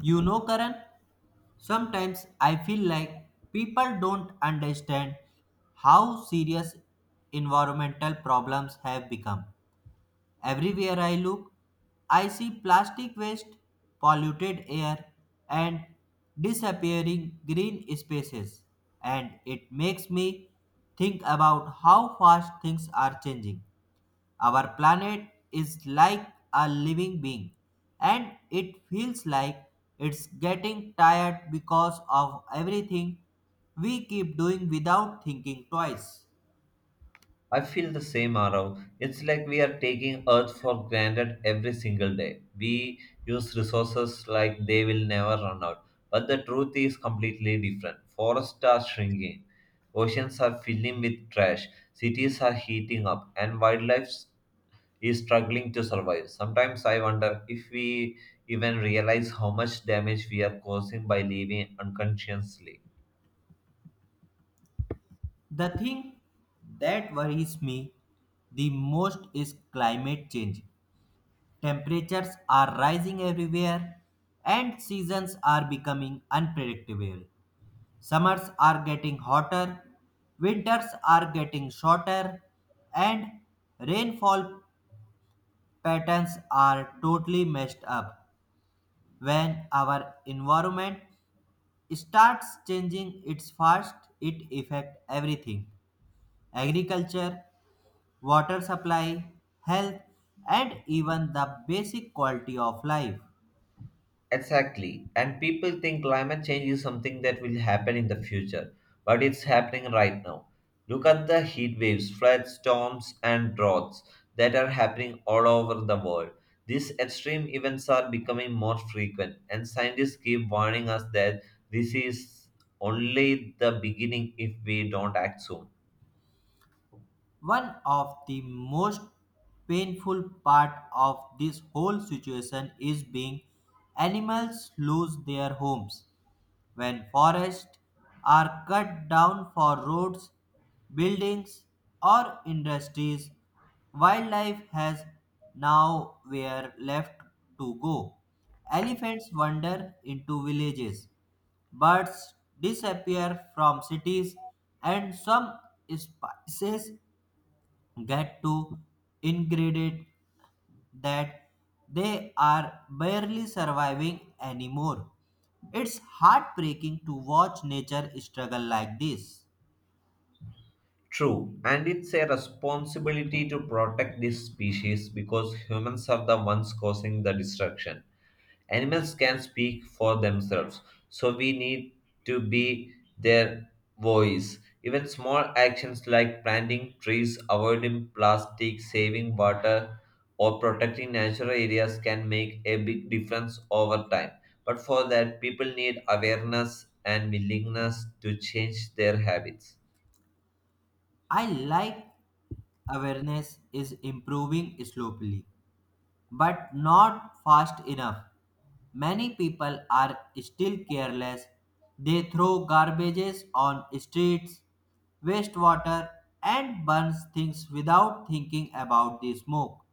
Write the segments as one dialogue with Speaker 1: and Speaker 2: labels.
Speaker 1: You know, Karan, sometimes I feel like people don't understand how serious environmental problems have become. Everywhere I look, I see plastic waste, polluted air, and disappearing green spaces, and it makes me think about how fast things are changing. Our planet is like a living being, and it feels like it's getting tired because of everything we keep doing without thinking twice.
Speaker 2: I feel the same, Arav. It's like we are taking Earth for granted every single day. We use resources like they will never run out. But the truth is completely different. Forests are shrinking, oceans are filling with trash, cities are heating up, and wildlife is struggling to survive. Sometimes I wonder if we even realize how much damage we are causing by living unconsciously.
Speaker 1: The thing that worries me the most is climate change. Temperatures are rising everywhere, and seasons are becoming unpredictable. Summers are getting hotter, winters are getting shorter, and rainfall patterns are totally messed up. When our environment starts changing its fast, it affects everything agriculture, water supply, health, and even the basic quality of life.
Speaker 2: Exactly. And people think climate change is something that will happen in the future, but it's happening right now. Look at the heat waves, floods, storms, and droughts that are happening all over the world. These extreme events are becoming more frequent, and scientists keep warning us that this is only the beginning if we don't act soon.
Speaker 1: One of the most painful part of this whole situation is being animals lose their homes when forests are cut down for roads, buildings or industries. Wildlife has now where left to go. Elephants wander into villages, birds disappear from cities, and some species get to ingredient that they are barely surviving anymore. It's heartbreaking to watch nature struggle like this.
Speaker 2: True, and it's a responsibility to protect this species because humans are the ones causing the destruction. Animals can speak for themselves, so we need to be their voice. Even small actions like planting trees, avoiding plastic, saving water, or protecting natural areas can make a big difference over time. But for that, people need awareness and willingness to change their habits.
Speaker 1: I like awareness is improving slowly, but not fast enough. Many people are still careless. They throw garbages on streets, waste water, and burn things without thinking about the smoke.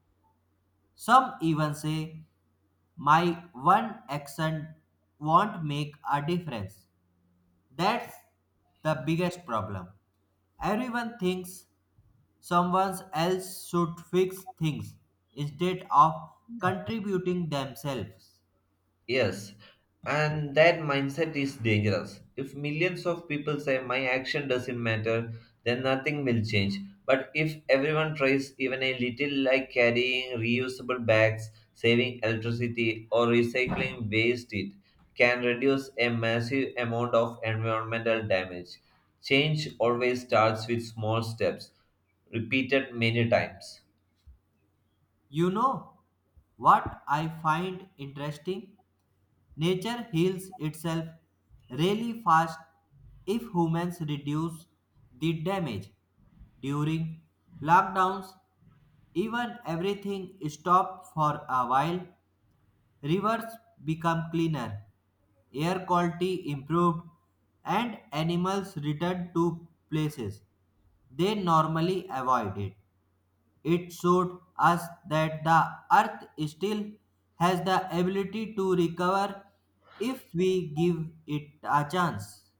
Speaker 1: Some even say my one action won't make a difference. That's the biggest problem. Everyone thinks someone else should fix things instead of contributing themselves.
Speaker 2: Yes, and that mindset is dangerous. If millions of people say my action doesn't matter, then nothing will change. But if everyone tries even a little, like carrying reusable bags, saving electricity, or recycling waste, it can reduce a massive amount of environmental damage. Change always starts with small steps, repeated many times.
Speaker 1: You know what I find interesting? Nature heals itself really fast if humans reduce the damage during lockdowns Even everything stopped for a while. Rivers became cleaner, air quality improved, and animals returned to places they normally avoided. It showed us that the earth still has the ability to recover if we give it a chance.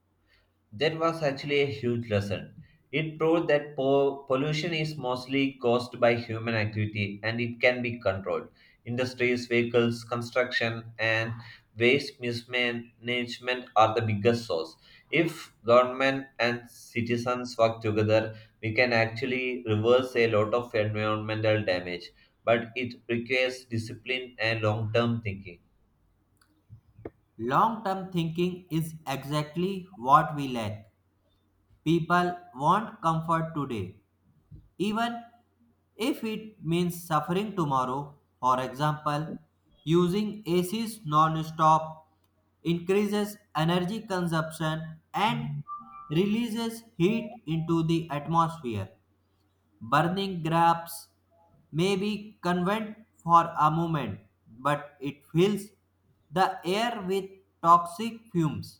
Speaker 2: That was actually a huge lesson. It proved that pollution is mostly caused by human activity and it can be controlled. Industries, vehicles, construction, and waste mismanagement are the biggest source. If government and citizens work together, we can actually reverse a lot of environmental damage, but it requires discipline and long term thinking.
Speaker 1: Long term thinking is exactly what we lack. People want comfort today even if it means suffering tomorrow. For example, using ACs non-stop increases energy consumption and releases heat into the atmosphere. Burning grabs may be convenient for a moment, but it fills the air with toxic fumes.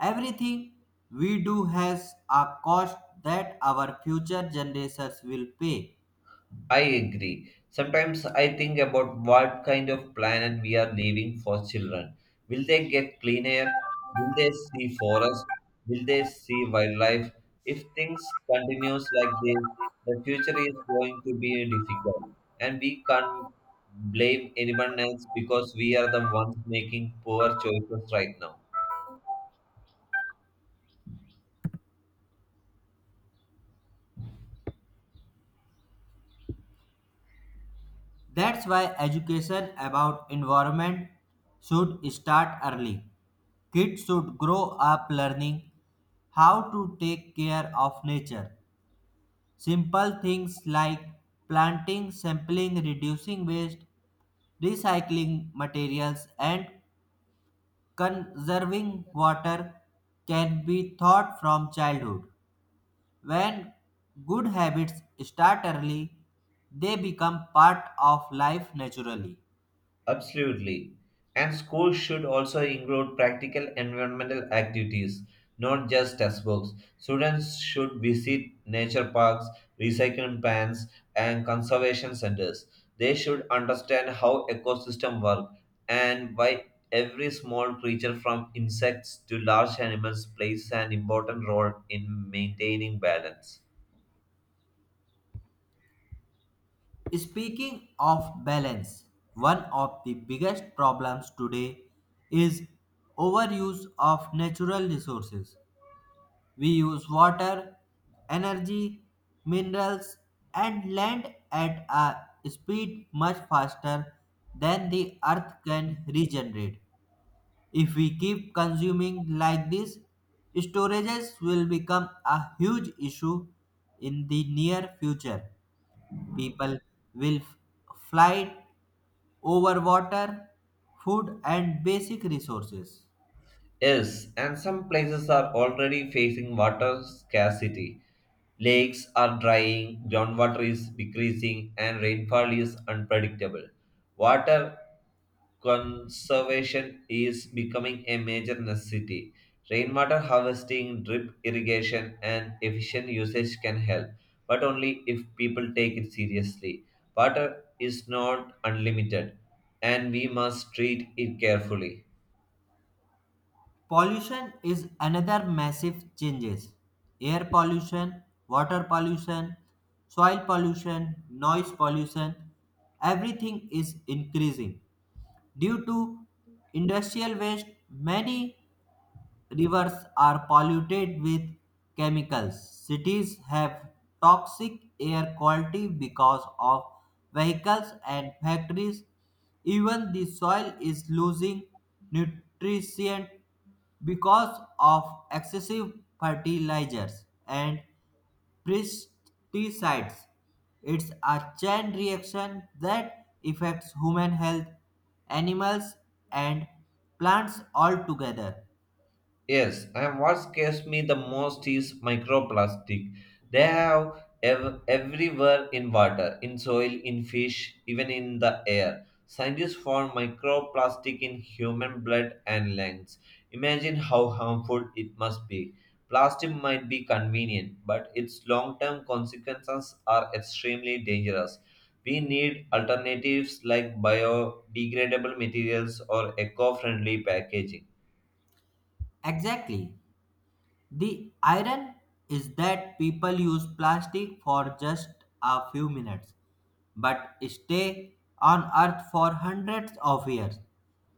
Speaker 1: Everything we do has a cost that our future generations will pay.
Speaker 2: I agree. Sometimes I think about what kind of planet we are leaving for children. Will they get clean air? Will they see forests? Will they see wildlife? If things continues like this, the future is going to be difficult, and we can't blame anyone else because we are the ones making poor choices right now.
Speaker 1: That's why education about environment should start early. Kids should grow up learning how to take care of nature. Simple things like planting, sampling, reducing waste, recycling materials, and conserving water can be taught from childhood. When good habits start early, they become part of life naturally.
Speaker 2: Absolutely. And schools should also include practical environmental activities, not just textbooks. Students should visit nature parks, recycling plants, and conservation centers. They should understand how ecosystem work and why every small creature from insects to large animals plays an important role in maintaining balance.
Speaker 1: Speaking of balance, one of the biggest problems today is overuse of natural resources. We use water, energy, minerals, and land at a speed much faster than the earth can regenerate. If we keep consuming like this, storages will become a huge issue in the near future. People will fly over water, food, and basic resources.
Speaker 2: Yes, and some places are already facing water scarcity. Lakes are drying, groundwater is decreasing, and rainfall is unpredictable. Water conservation is becoming a major necessity. Rainwater harvesting, drip irrigation, and efficient usage can help, but only if people take it seriously. Water is not unlimited, and we must treat it carefully.
Speaker 1: Pollution is another massive changes. Air pollution, water pollution, soil pollution, noise pollution, everything is increasing. Due to industrial waste, many rivers are polluted with chemicals. Cities have toxic air quality because of vehicles and factories. Even the soil is losing nutrition because of excessive fertilizers and pesticides. It's a chain reaction that affects human health, animals, and plants altogether.
Speaker 2: Yes, and what scares me the most is microplastic. They have everywhere in water, in soil, in fish, even in the air. Scientists found microplastic in human blood and lungs. Imagine how harmful it must be. Plastic might be convenient, but its long term consequences are extremely dangerous. We need alternatives like biodegradable materials or eco friendly packaging.
Speaker 1: Exactly. The iron is that people use plastic for just a few minutes but stay on earth for hundreds of years.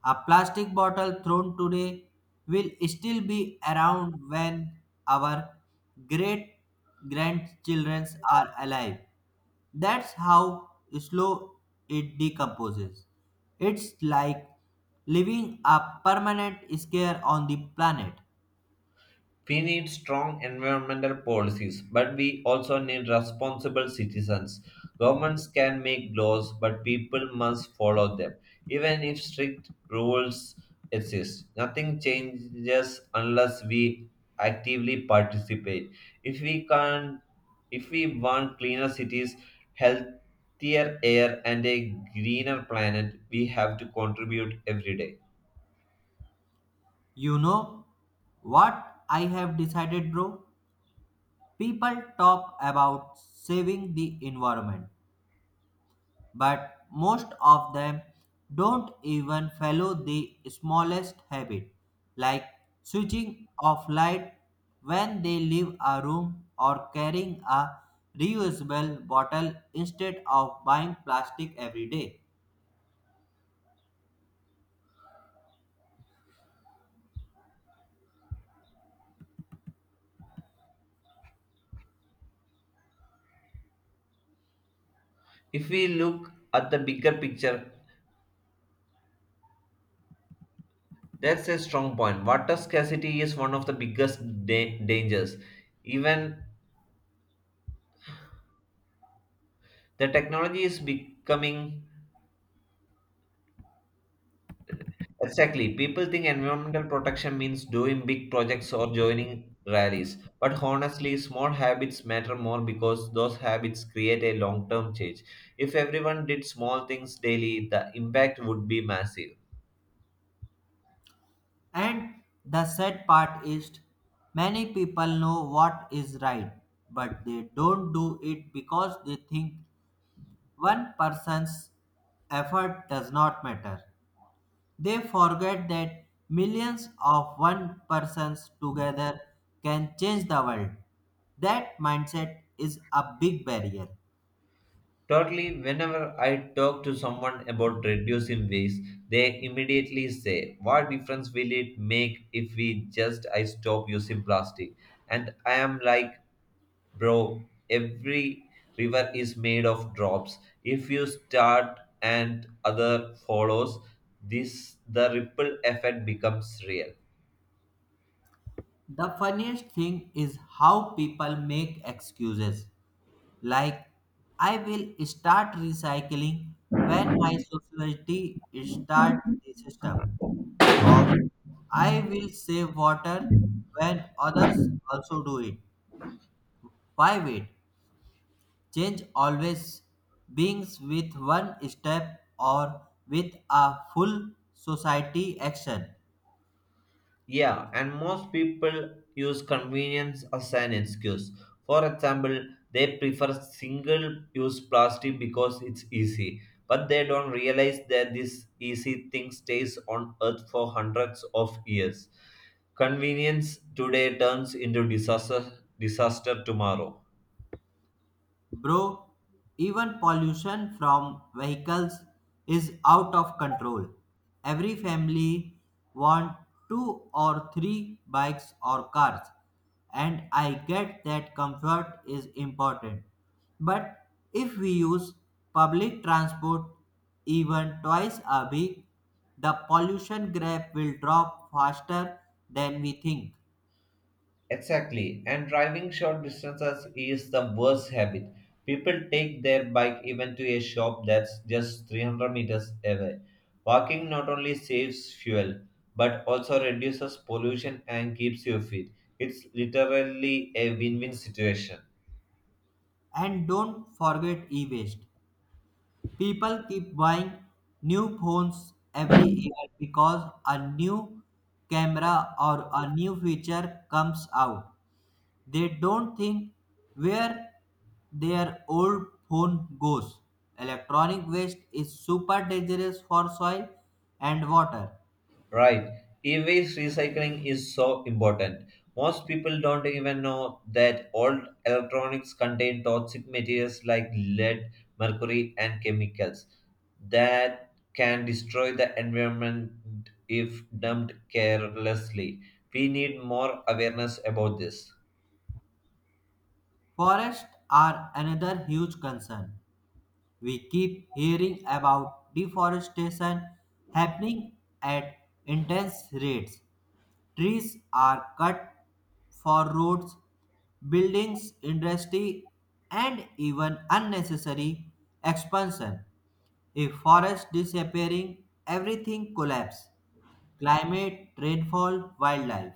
Speaker 1: A plastic bottle thrown today will still be around when our great grandchildren are alive. That's how slow it decomposes. It's like leaving a permanent scar on the planet.
Speaker 2: We need strong environmental policies, but we also need responsible citizens. Governments can make laws, but people must follow them. Even if strict rules exist, nothing changes unless we actively participate. If we can if we want cleaner cities, healthier air and a greener planet, we have to contribute every day.
Speaker 1: You know what I have decided, bro? People talk about saving the environment, but most of them don't even follow the smallest habit, like switching off light when they leave a room or carrying a reusable bottle instead of buying plastic every day.
Speaker 2: If we look at the bigger picture, that's a strong point. Water scarcity is one of the biggest dangers. Even the technology is becoming exactly. People think environmental protection means doing big projects or joining rallies. But honestly, small habits matter more because those habits create a long term change. If everyone did small things daily, the impact would be massive.
Speaker 1: And the sad part is, many people know what is right, but they don't do it because they think one person's effort does not matter. They forget that millions of one persons together can change the world. That mindset is a big barrier.
Speaker 2: Totally, whenever I talk to someone about reducing waste, they immediately say, "What difference will it make if we just I stop using plastic?" And I am like, "Bro, every river is made of drops. If you start and other follows, this the ripple effect becomes real."
Speaker 1: The funniest thing is how people make excuses. Like, I will start recycling when my society start the system, or I will save water when others also do it. Why wait? Change always beings with one step or with a full society action.
Speaker 2: Yeah, and most people use convenience as an excuse. For example, they prefer single use plastic because it's easy, but they don't realize that this easy thing stays on earth for hundreds of years. Convenience today turns into disaster tomorrow.
Speaker 1: Bro, even pollution from vehicles is out of control. Every family want two or three bikes or cars. And I get that comfort is important. But if we use public transport even twice a week, the pollution graph will drop faster than we think.
Speaker 2: Exactly, and driving short distances is the worst habit. People take their bike even to a shop that's just 300 meters away. Walking not only saves fuel but also reduces pollution and keeps you fit. It's literally a win win situation.
Speaker 1: And don't forget e-waste. People keep buying new phones every year because a new camera or a new feature comes out. They don't think where their old phone goes. Electronic waste is super dangerous for soil and water.
Speaker 2: Right. E-waste recycling is so important. Most people don't even know that old electronics contain toxic materials like lead, mercury, and chemicals that can destroy the environment if dumped carelessly. We need more awareness about this.
Speaker 1: Forests are another huge concern. We keep hearing about deforestation happening at intense rates. Trees are cut for roads, buildings, industry, and even unnecessary expansion. If forest disappearing, everything collapse. Climate, rainfall, wildlife.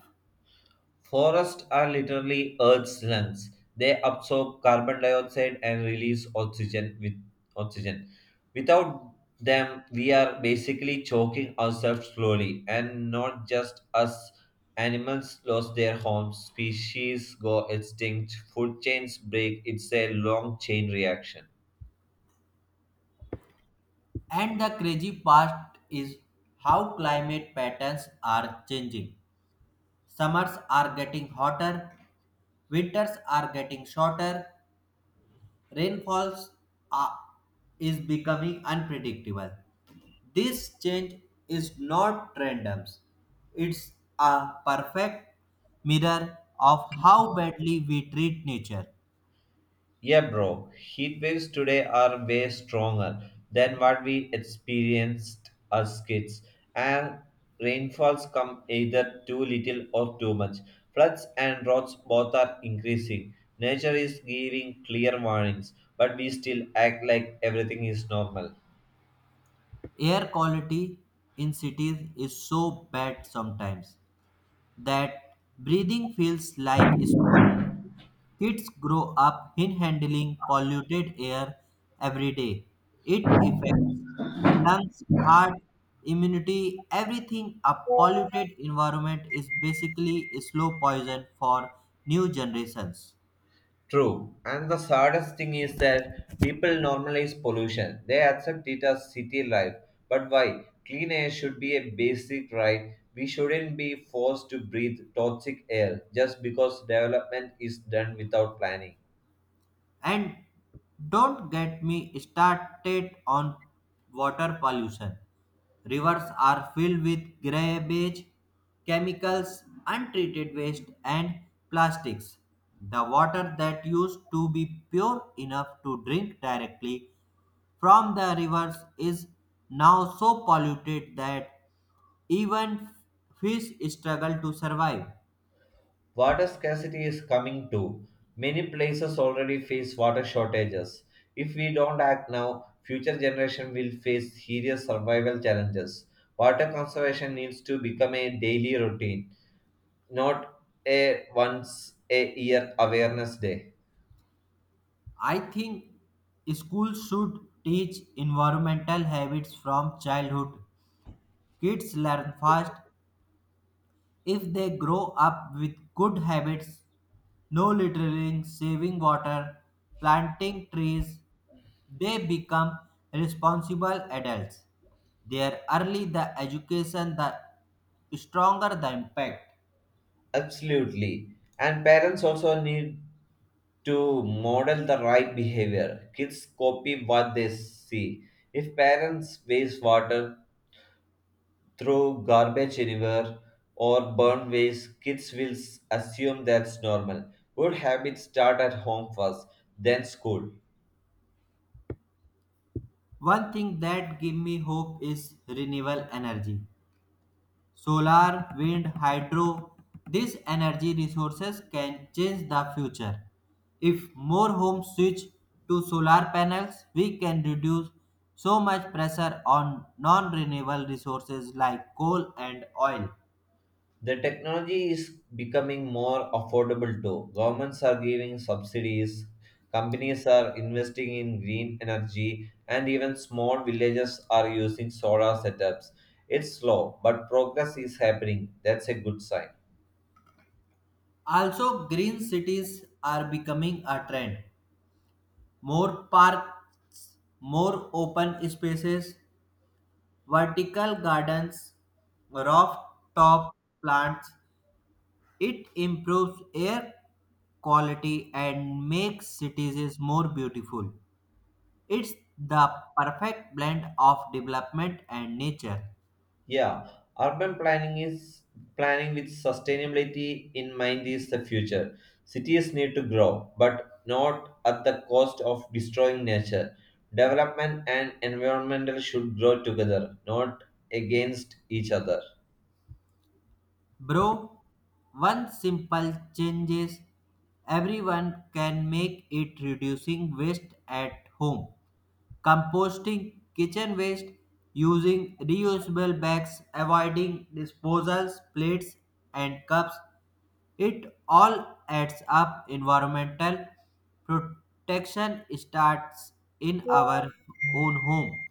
Speaker 2: Forests are literally Earth's lungs. They absorb carbon dioxide and release oxygen with oxygen. Without them, we are basically choking ourselves slowly, and not just us. Animals lose their homes, species go extinct, food chains break. It's a long chain reaction.
Speaker 1: And the crazy part is how climate patterns are changing. Summers are getting hotter, winters are getting shorter, rainfalls are, is becoming unpredictable. This change is not random. It's a perfect mirror of how badly we treat nature.
Speaker 2: Yeah, bro. Heat waves today are way stronger than what we experienced as kids, and rainfalls come either too little or too much. Floods and droughts both are increasing. Nature is giving clear warnings, but we still act like everything is normal.
Speaker 1: Air quality in cities is so bad sometimes that breathing feels like smoking Kids grow up inhaling polluted air every day. It affects lungs, heart, immunity, everything. A polluted environment is basically a slow poison for new generations.
Speaker 2: True. And the saddest thing is that people normalize pollution. They accept it as city life. But why? Clean air should be a basic right. We shouldn't be forced to breathe toxic air just because development is done without planning.
Speaker 1: And don't get me started on water pollution. Rivers are filled with garbage, chemicals, untreated waste, and plastics. The water that used to be pure enough to drink directly from the rivers is now so polluted that even fish struggle to survive.
Speaker 2: Water scarcity is coming too. Many places already face water shortages. If we don't act now, future generation will face serious survival challenges. Water conservation needs to become a daily routine, not a once a year awareness day.
Speaker 1: I think schools should teach environmental habits from childhood. Kids learn fast if they grow up with good habits. No littering, saving water, planting trees. They become responsible adults. The early the education, the stronger the impact.
Speaker 2: Absolutely. And parents also need to model the right behavior. Kids copy what they see. If parents waste water, throw garbage anywhere, or burn waste, kids will assume that's normal. Good habits start at home first, then school.
Speaker 1: One thing that give me hope is renewable energy. Solar, wind, hydro, these energy resources can change the future. If more homes switch to solar panels, we can reduce so much pressure on non renewable resources like coal and oil.
Speaker 2: The technology is becoming more affordable too. Governments are giving subsidies, companies are investing in green energy, and even small villages are using solar setups. It's slow, but progress is happening. That's a good sign.
Speaker 1: Also, green cities are becoming a trend. More parks, more open spaces, vertical gardens, rooftop plants, it improves air quality and makes cities more beautiful. It's the perfect blend of development and nature.
Speaker 2: Yeah, urban planning is planning with sustainability in mind is the future. Cities need to grow, but not at the cost of destroying nature. Development and environmental should grow together, not against each other.
Speaker 1: Bro, one simple change is everyone can make it reducing waste at home. Composting kitchen waste using reusable bags, avoiding disposals, plates and cups it all adds up. Environmental protection starts in our own home.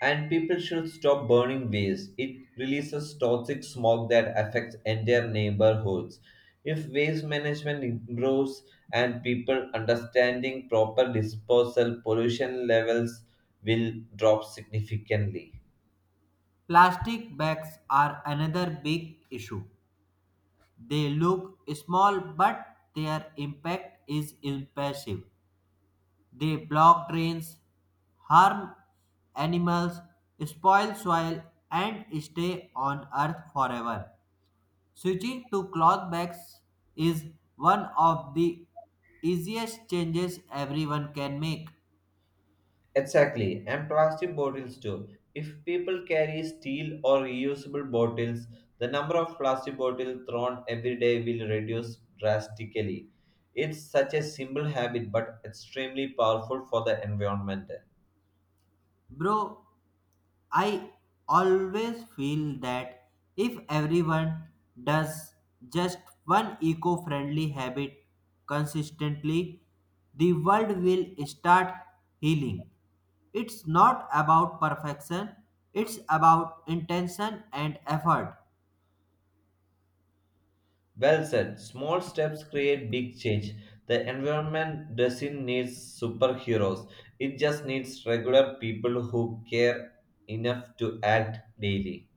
Speaker 2: And people should stop burning waste. It releases toxic smog that affects entire neighborhoods. If waste management improves and people understanding proper disposal, pollution levels will drop significantly.
Speaker 1: Plastic bags are another big issue. They look small, but their impact is impressive. They block drains, harm animals, spoil soil, and stay on earth forever. Switching to cloth bags is one of the easiest changes everyone can make.
Speaker 2: Exactly, and plastic bottles too. If people carry steel or reusable bottles, the number of plastic bottles thrown every day will reduce drastically. It's such a simple habit but extremely powerful for the environment.
Speaker 1: Bro, I always feel that if everyone does just one eco friendly habit consistently, the world will start healing. It's not about perfection, it's about intention and effort.
Speaker 2: Well said, small steps create big change. The environment doesn't need superheroes, it just needs regular people who care enough to act daily.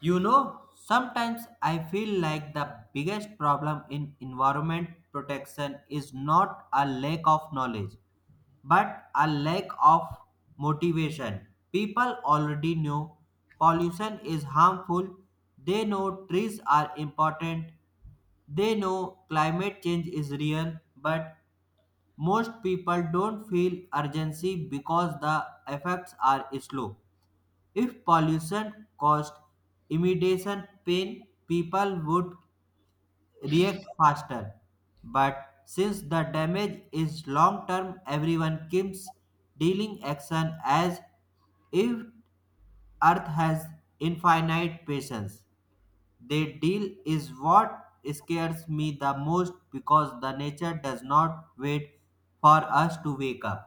Speaker 1: You know, sometimes I feel like the biggest problem in environment protection is not a lack of knowledge, but a lack of motivation. People already know pollution is harmful, they know trees are important, they know climate change is real, but most people don't feel urgency because the effects are slow. If pollution caused immediate pain, people would react faster. But since the damage is long term, everyone keeps dealing action as if Earth has infinite patience. They deal is what scares me the most because the nature does not wait for us to wake up.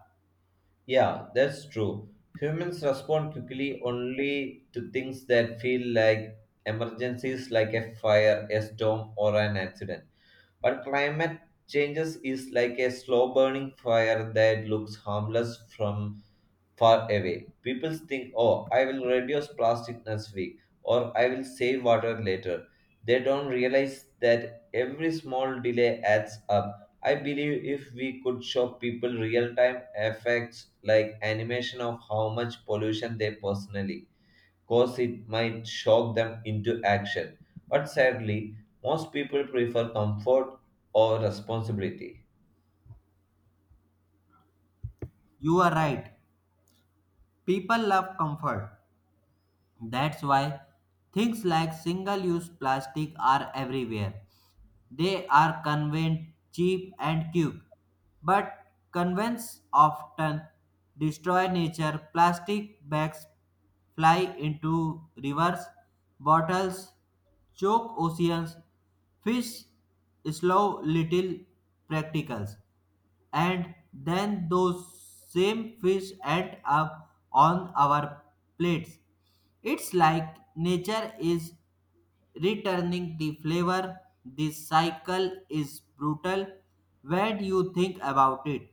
Speaker 2: Yeah, that's true. Humans respond quickly only to things that feel like emergencies, like a fire, a storm, or an accident. But climate changes is like a slow burning fire that looks harmless from far away. People think, "Oh, I will reduce plastic next week or I will save water later." They don't realize that every small delay adds up. I believe if we could show people real time effects like animation of how much pollution they personally cause, it might shock them into action. But sadly, most people prefer comfort or responsibility.
Speaker 1: You are right. People love comfort. That's why things like single use plastic are everywhere. They are convenient, cheap, and cute. But convenience often destroy nature. Plastic bags fly into rivers, bottles choke oceans, fish slow little practicals and then those same fish end up on our plates. It's like nature is returning the flavor. This cycle is brutal when you think about it.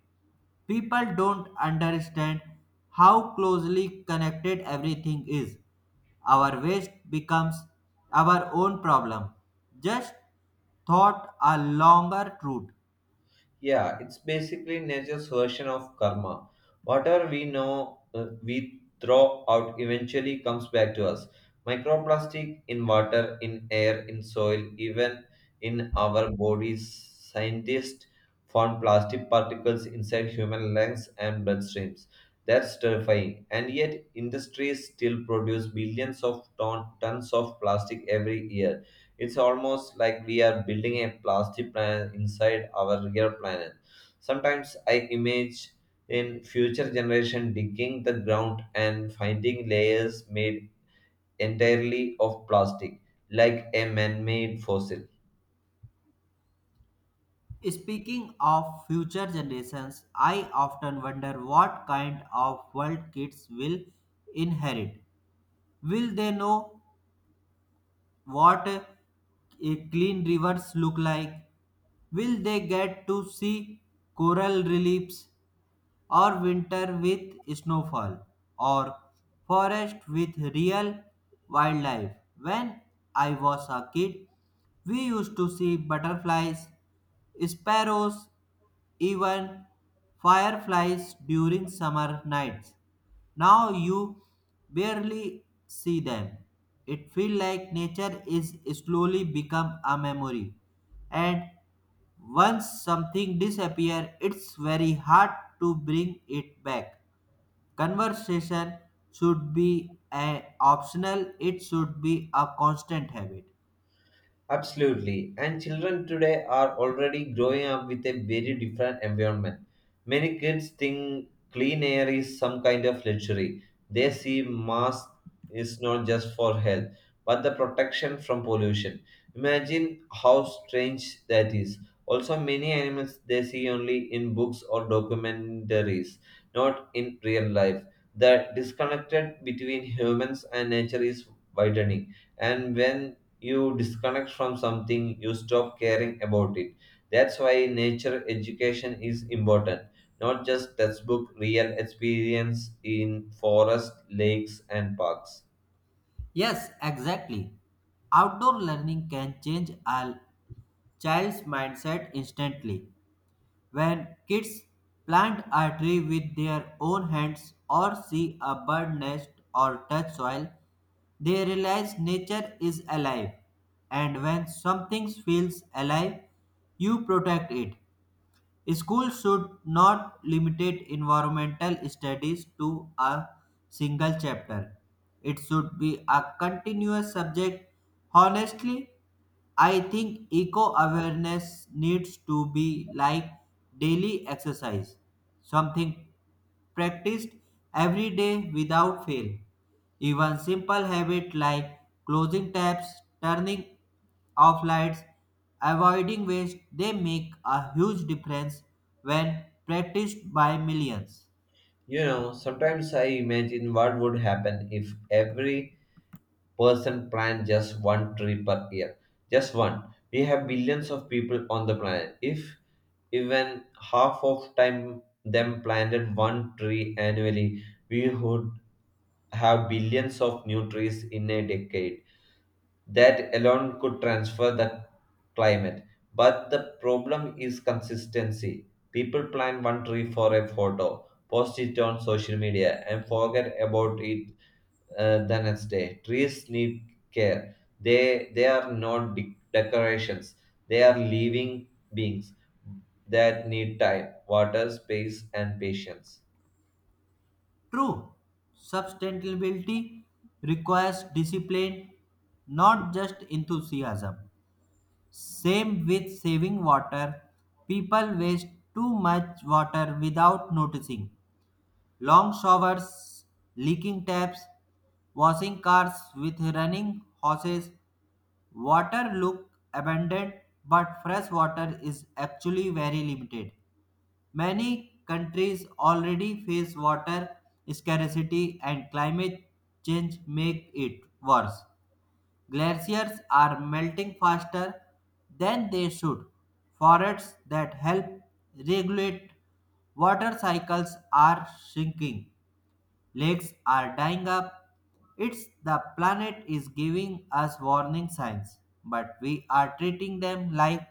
Speaker 1: People don't understand how closely connected everything is. Our waste becomes our own problem. Just thought a longer route.
Speaker 2: Yeah, it's basically nature's version of karma. Whatever we throw out eventually comes back to us. Microplastic in water, in air, in soil, even in our bodies. Scientists found plastic particles inside human lungs and bloodstreams. That's terrifying. And yet, industries still produce billions of tons of plastic every year. It's almost like we are building a plastic planet inside our real planet. Sometimes I imagine in future generation digging the ground and finding layers made entirely of plastic, like a man-made fossil.
Speaker 1: Speaking of future generations, I often wonder what kind of world kids will inherit. Will they know what clean rivers look like? Will they get to see coral reliefs or winter with snowfall or forest with real wildlife? When I was a kid, we used to see butterflies, sparrows even fireflies during summer nights. Now you barely see them. It feels like nature is slowly become a memory. And once something disappears, it's very hard to bring it back. Conversation should be a optional, it should be a constant habit.
Speaker 2: Absolutely. And children today are already growing up with a very different environment. Many kids think clean air is some kind of luxury. They see mask is not just for health, but the protection from pollution. Imagine how strange that is. Also, many animals they see only in books or documentaries, not in real life. The disconnected between humans and nature is widening, and when you disconnect from something, you stop caring about it. That's why nature education is important. Not just textbook, real experience in forest, lakes, and parks.
Speaker 1: Yes, exactly. Outdoor learning can change a child's mindset instantly. When kids plant a tree with their own hands or see a bird nest or touch soil, they realize nature is alive. And when something feels alive, you protect it. Schools should not limit environmental studies to a single chapter. It should be a continuous subject. Honestly, I think eco awareness needs to be like daily exercise, something practiced every day without fail. Even simple habits like closing taps, turning off lights, avoiding waste, they make a huge difference when practiced by millions.
Speaker 2: You know, sometimes I imagine what would happen if every person planned just one tree per year. Just one. We have billions of people on the planet. If even half of time them planted one tree annually, we would have billions of new trees in a decade. That alone could transfer the climate. But the problem is consistency. People plant one tree for a photo, post it on social media, and forget about it the next day. Trees need care. They are not decorations. They are living beings that need time, water, space, and patience.
Speaker 1: True, sustainability requires discipline, not just enthusiasm. Same with saving water, people waste too much water without noticing. Long showers, leaking taps, washing cars with running hoses, water look abundant, but fresh water is actually very limited. Many countries already face water scarcity and climate change make it worse. Glaciers are melting faster than they should. Forests that help regulate water cycles are shrinking lakes are dying up. It's the planet is giving us warning signs, but we are treating them like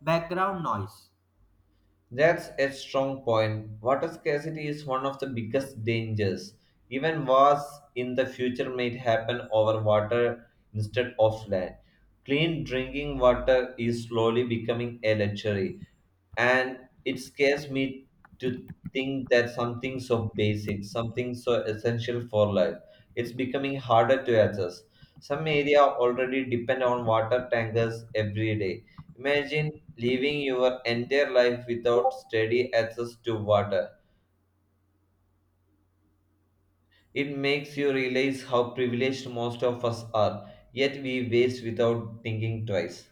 Speaker 1: background noise.
Speaker 2: That's a strong point. Water scarcity is one of the biggest dangers. Even wars in the future might happen over water instead of land. Clean drinking water is slowly becoming a luxury, and it scares me to think that something so basic, something so essential for life, it's becoming harder to access. Some area already depend on water tankers every day. Imagine living your entire life without steady access to water. It makes you realize how privileged most of us are, yet we waste without thinking twice.